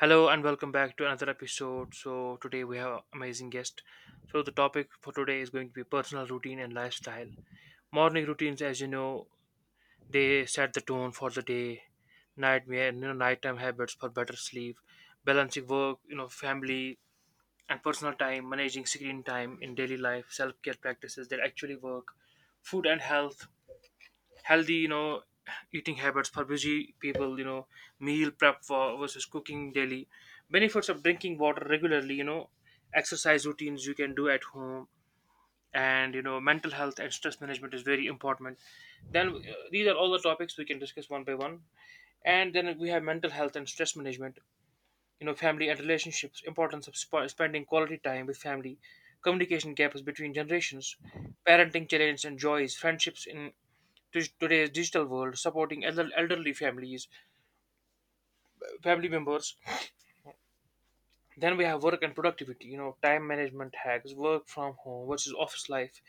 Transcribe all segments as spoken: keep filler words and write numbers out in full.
Hello and welcome back to another episode. So today we have amazing guest. So the topic for today is going to be personal routine and lifestyle. Morning routines, as you know, they set the tone for the day. Nightmare, you know, nighttime habits for better sleep, balancing work, you know, family and personal time, managing screen time in daily life, self-care practices that actually work, food and health, healthy you know eating habits for busy people you know Meal prep for versus cooking daily, benefits of drinking water regularly you know Exercise routines you can do at home, and you know mental health and stress management is very important. Then uh, these are all the topics we can discuss one by one. And then we have mental health and stress management, you know family and relationships, importance of sp- spending quality time with family, communication gaps between generations, parenting challenges and joys, friendships in to- today's digital world, supporting elder- elderly families, family members. Then we have work and productivity, you know, time management hacks, work from home versus office life,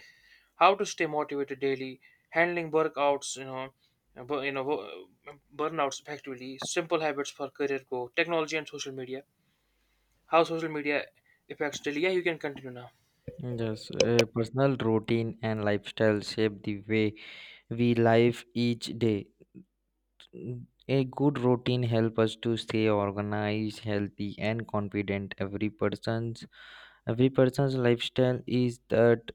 how to stay motivated daily, handling workouts, you know, uh, bur- you know, wo- uh, burnouts effectively, simple habits for career growth, technology and social media, how social media affects daily. Yeah, you can continue now. Yes, a personal routine and lifestyle shape the way we live each day. Mm, A good routine helps us to stay organized, healthy, and confident. Every person's every person's lifestyle is that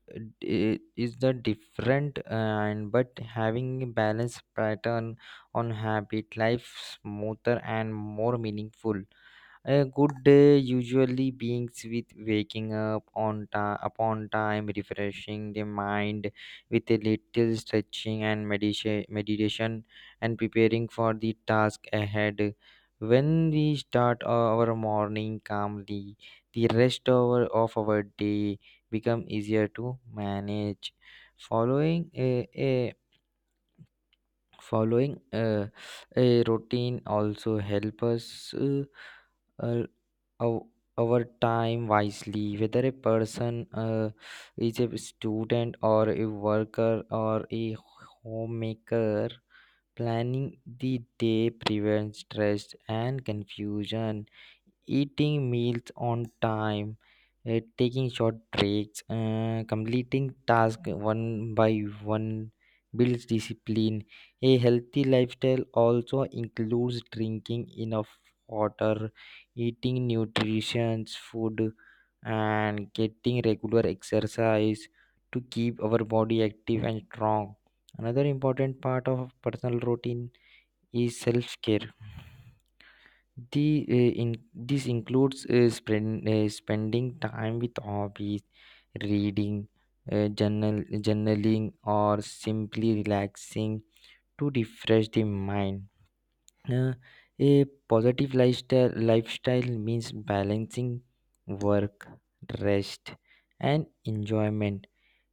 i- is the different and but having a balanced pattern on habit life smoother and more meaningful. A good day usually begins with waking up on time, upon time, refreshing the mind with a little stretching and medita- meditation, and preparing for the task ahead. When we start our morning calmly, the rest of our of our day become easier to manage. Following a, a Following uh, a routine also help us uh, uh, our, our time wisely. Whether a person uh, is a student or a worker or a homemaker, planning the day prevents stress and confusion. Eating meals on time, uh, taking short breaks, uh, completing tasks one by one builds discipline. A healthy lifestyle also includes drinking enough water, eating nutritious food, and getting regular exercise to keep our body active and strong. Another important part of personal routine is self care. The, uh, in, this includes uh, spend, uh, spending time with hobbies, reading, uh, journal, journaling, or simply relaxing to refresh the mind. Uh, a positive lifestyle, lifestyle means balancing work, rest, and enjoyment.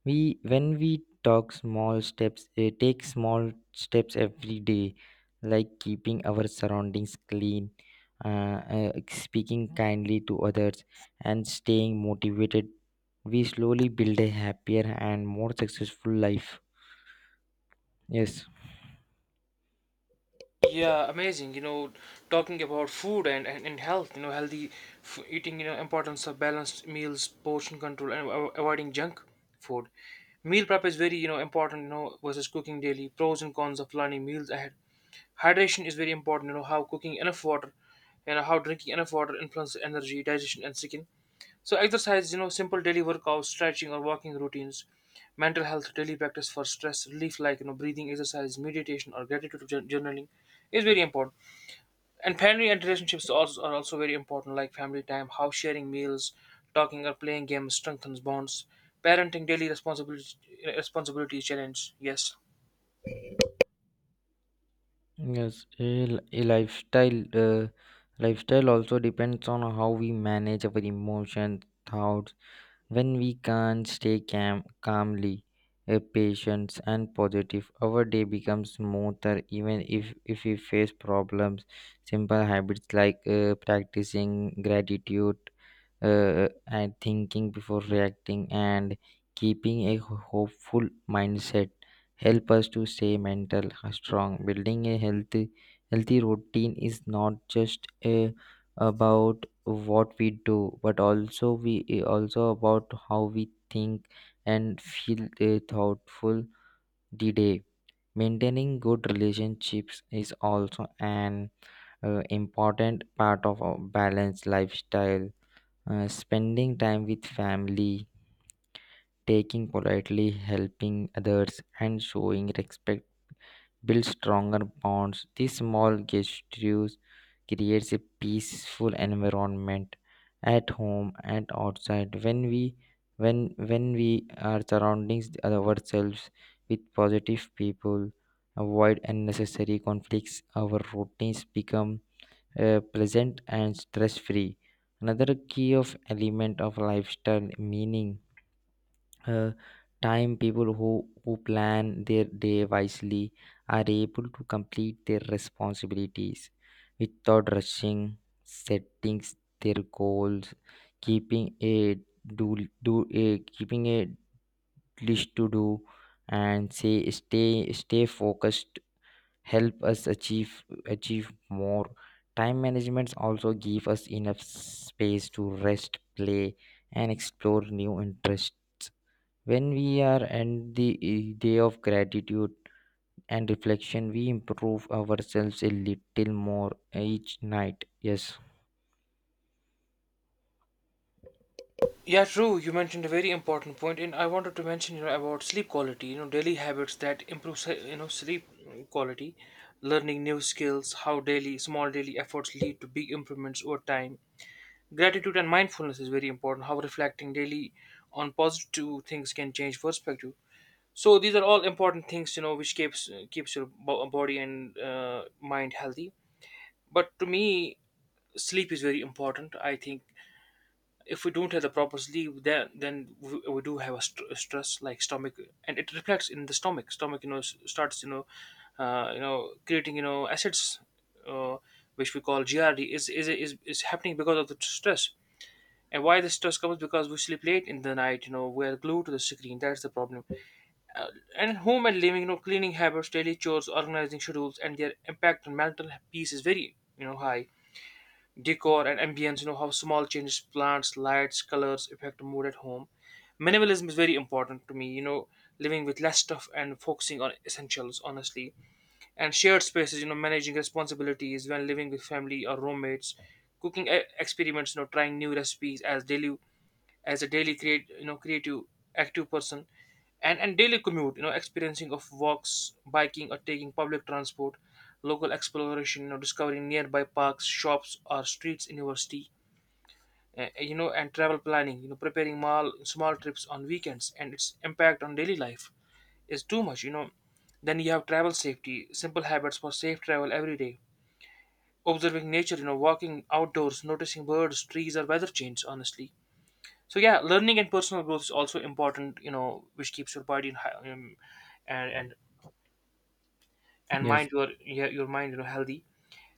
We when we talk small steps, eh, Take small steps every day, like keeping our surroundings clean, uh, uh, speaking kindly to others, and staying motivated. We slowly build a happier and more successful life. Yes. Yeah, amazing. You know, talking about food and, and, and health, you know, healthy f- eating, you know, importance of balanced meals, portion control, and avo- avoiding junk food. Meal prep is very, you know, important, you know, versus cooking daily. Pros and cons of planning meals ahead. Hydration is very important, you know, how cooking enough water and how drinking enough water influences energy, digestion, and skin. So exercise, you know, simple daily workouts, stretching or walking routines, mental health, daily practice for stress relief like you know breathing exercise, meditation or gratitude jour- journaling is very important. And family and relationships also are also very important, like family time, how sharing meals, talking or playing games strengthens bonds. Parenting daily responsibility responsibility challenge. Yes. Yes, a, li- a lifestyle uh, lifestyle also depends on how we manage our emotions, thoughts. When we can stay calm, calmly, uh, patient and positive, our day becomes smoother even if, if we face problems. Simple habits like uh, practicing gratitude uh, uh, and thinking before reacting and keeping a hopeful mindset help us to stay mental uh, strong. Building a healthy healthy routine is not just a, about what we do but also we uh, also about how we think and feel, uh, thoughtful the day. Maintaining good relationships is also an uh, important part of a balanced lifestyle. Uh, spending time with family, taking politely, helping others, and showing respect build stronger bonds. These small gestures creates a peaceful environment at home and outside. When we when when we are surrounding ourselves with positive people, avoid unnecessary conflicts. Our routines become uh, pleasant and stress free. Another key of element of lifestyle meaning uh, time people who, who plan their day wisely are able to complete their responsibilities without rushing, setting their goals, keeping a do do a keeping a list to do and say stay stay focused help us achieve achieve more. Time managements also give us enough space to rest play and explore new interests when we are at the eh, day of gratitude and reflection. We improve ourselves a little more each night. Yes. Yeah, true. You mentioned a very important point, and I wanted to mention, you know, about sleep quality. You know, daily habits that improve, se- you know, sleep quality, learning new skills, how daily small daily efforts lead to big improvements over time. Gratitude and mindfulness is very important. How reflecting daily on positive things can change perspective. So these are all important things, you know, which keeps keeps your bo- body and uh, mind healthy. But to me, sleep is very important. I think if we don't have the proper sleep then then we, we do have a, st- a stress like stomach, and it reflects in the stomach stomach you know s- starts, you know uh, you know creating, you know acids, uh, which we call grd, is, is is is happening because of the stress. And why the stress comes? Because we sleep late in the night. you know we're glued to the screen, that's the problem. uh, and home and living, you know cleaning habits, daily chores, organizing schedules and their impact on mental peace is very, you know high. Decor and ambience, you know how small changes, plants, lights, colors affect mood at home. Minimalism is very important to me, you know living with less stuff and focusing on essentials honestly. And shared spaces, you know managing responsibilities when living with family or roommates. Cooking e- experiments, you know trying new recipes as daily, as a daily create, you know creative active person. And and daily commute, you know experiencing of walks, biking, or taking public transport. Local exploration, you know discovering nearby parks, shops, or streets in your city. uh, you know and travel planning, you know preparing mall small trips on weekends and its impact on daily life is too much, you know then you have travel safety, simple habits for safe travel every day. Observing nature, you know walking outdoors, noticing birds, trees, or weather change honestly. So yeah, learning and personal growth is also important, you know which keeps your body and hi- um, and and, and mind Yes, your, yeah, your mind, you know healthy.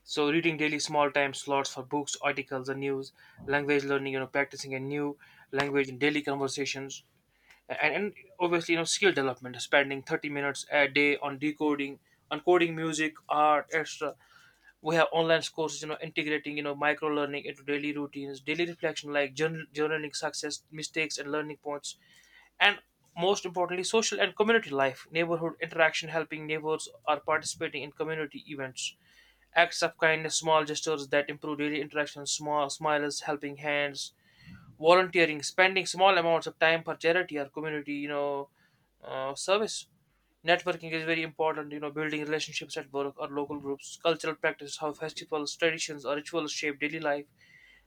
So reading daily small time slots for books, articles, and news, language learning, you know practicing a new language in daily conversations, and, and obviously, you know skill development, spending thirty minutes a day on decoding, on music, art, extra. We have online courses, you know integrating, you know micro learning into daily routines, daily reflection like journal, journaling success, mistakes, and learning points. And most importantly, social and community life, neighborhood interaction, helping neighbors or participating in community events, acts of kindness, small gestures that improve daily interactions, small smiles, helping hands, volunteering, spending small amounts of time for charity or community, you know uh, service. Networking is very important, you know building relationships at work or local groups. Cultural practices, how festivals, traditions, or rituals shape daily life.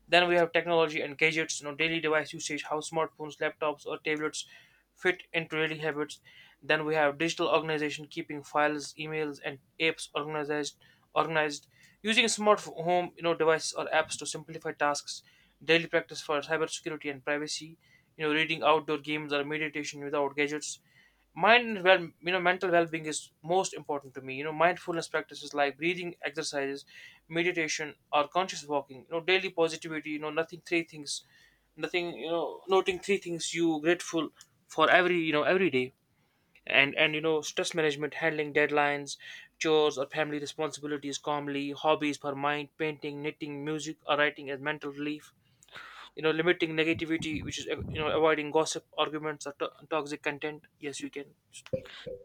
Then we have technology and gadgets, you know, daily device usage, how smartphones, laptops, or tablets fit into daily habits. Then we have digital organization, keeping files, emails, and apps organized, organized, using smart f- home, you know, devices or apps to simplify tasks. Daily practice for cybersecurity and privacy. You know, reading, outdoor games, or meditation without gadgets. Mind and well, you know mental well-being is most important to me. you know mindfulness practices like breathing exercises, meditation, or conscious walking. you know daily positivity. You know nothing three things nothing you know noting three things you grateful for every, you know every day. And and you know stress management, handling deadlines, chores, or family responsibilities calmly, hobbies for mind, painting, knitting, music, or writing as mental relief. you know limiting negativity, which is, uh, you know avoiding gossip, arguments, or to- toxic content. Yes, you can.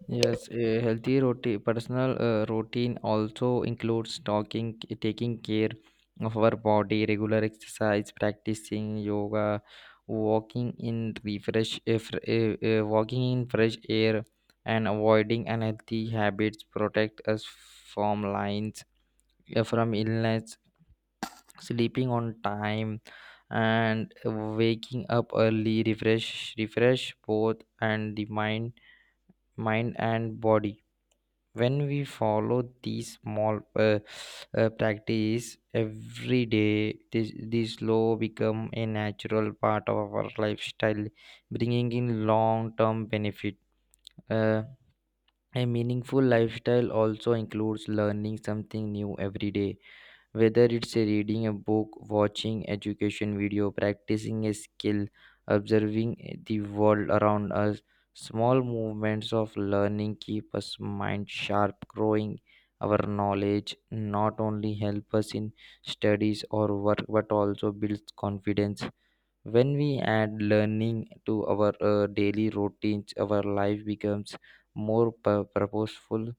Yes, a healthy roti personal uh, routine also includes talking, taking care of our body, regular exercise, practicing yoga, walking in refresh, uh, fr- uh, uh, walking in fresh air, and avoiding unhealthy habits protect us from lines uh, from illness. Sleeping on time and waking up early refresh refresh both and the mind mind and body. When we follow these small uh, uh, practice every day, this this law become a natural part of our lifestyle, bringing in long term benefit. uh, a meaningful lifestyle also includes learning something new every day, whether it's a reading a book, watching education video, practicing a skill, observing the world around us. Small movements of learning keep us mind sharp, growing our knowledge not only help us in studies or work but also builds confidence. When we add learning to our uh, daily routines, our life becomes more pur- purposeful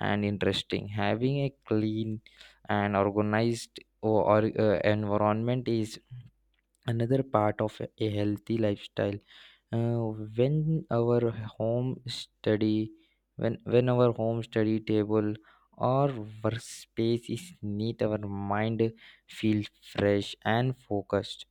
and interesting. Having a clean and organized or, or, uh, environment is another part of a a healthy lifestyle. Uh, when our home study, when when our home study table or workspace is neat, our mind feels fresh and focused.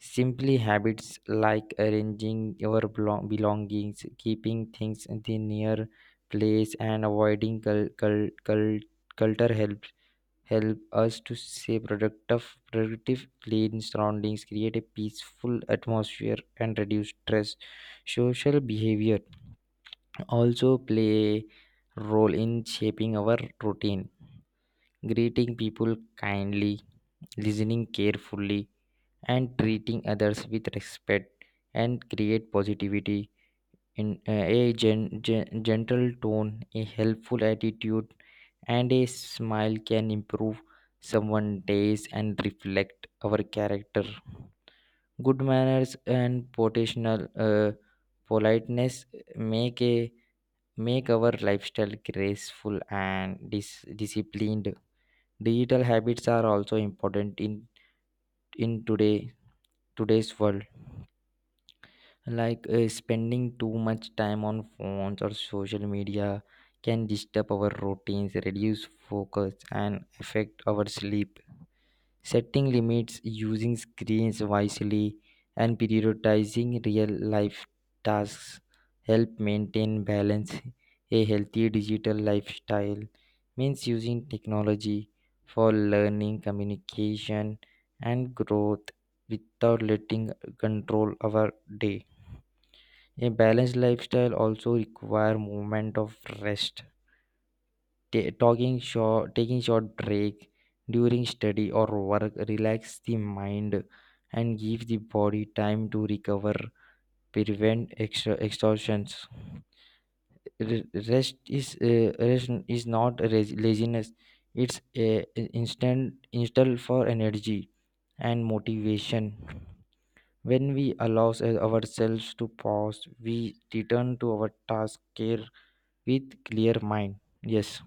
Simply habits like arranging your belo- belongings, keeping things in the near place, and avoiding cul- cul- cul- culture help help us to stay productive, productive, clean surroundings, create a peaceful atmosphere, and reduce stress. Social behavior also play a role in shaping our routine. Greeting people kindly, listening carefully, and treating others with respect and create positivity in uh, a gen- gen- gentle tone, a helpful attitude and a smile can improve someone's days and reflect our character. Good manners and potential uh, politeness make a make our lifestyle graceful and dis- disciplined. Digital habits are also important in in today today's world, like uh, spending too much time on phones or social media can disturb our routines, reduce focus and affect our sleep. Setting limits, using screens wisely and prioritizing real life tasks help maintain balance. A healthy digital lifestyle means using technology for learning communication and growth without letting control our day. A balanced lifestyle also require movement of rest. Ta- talking short, taking short break during study or work relax the mind and give the body time to recover, prevent extra exhaustions. Re- Rest is uh, rest is not raz- laziness; it's a instant instant for energy and motivation. When we allow ourselves to pause, we return to our task care with clear mind. Yes,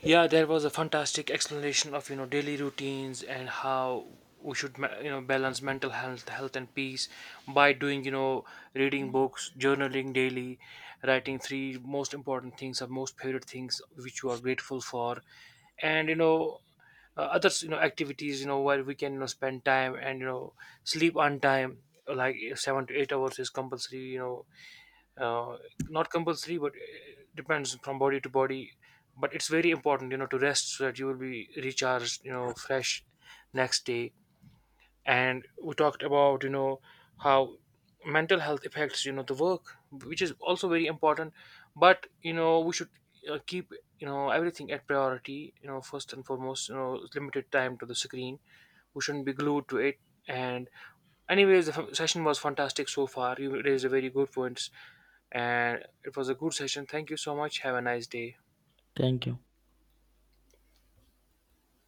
yeah yeah, there was a fantastic explanation of, you know daily routines and how we should ma- you know balance mental health health and peace by doing, you know reading books, journaling daily, writing three most important things or most favorite things which you are grateful for. And you know uh, other, you know activities, you know where we can, you know spend time and, you know sleep on time, like uh, seven to eight hours is compulsory, you know uh, not compulsory, but it depends from body to body. But it's very important, you know to rest so that you will be recharged, you know fresh next day. And we talked about, you know how mental health affects, you know the work, which is also very important. But you know we should, uh, keep, you know everything at priority. you know first and foremost, you know limited time to the screen, we shouldn't be glued to it. And anyways, the f- session was fantastic so far. You raised a very good points, and it was a good session. Thank you so much. Have a nice day. thank you.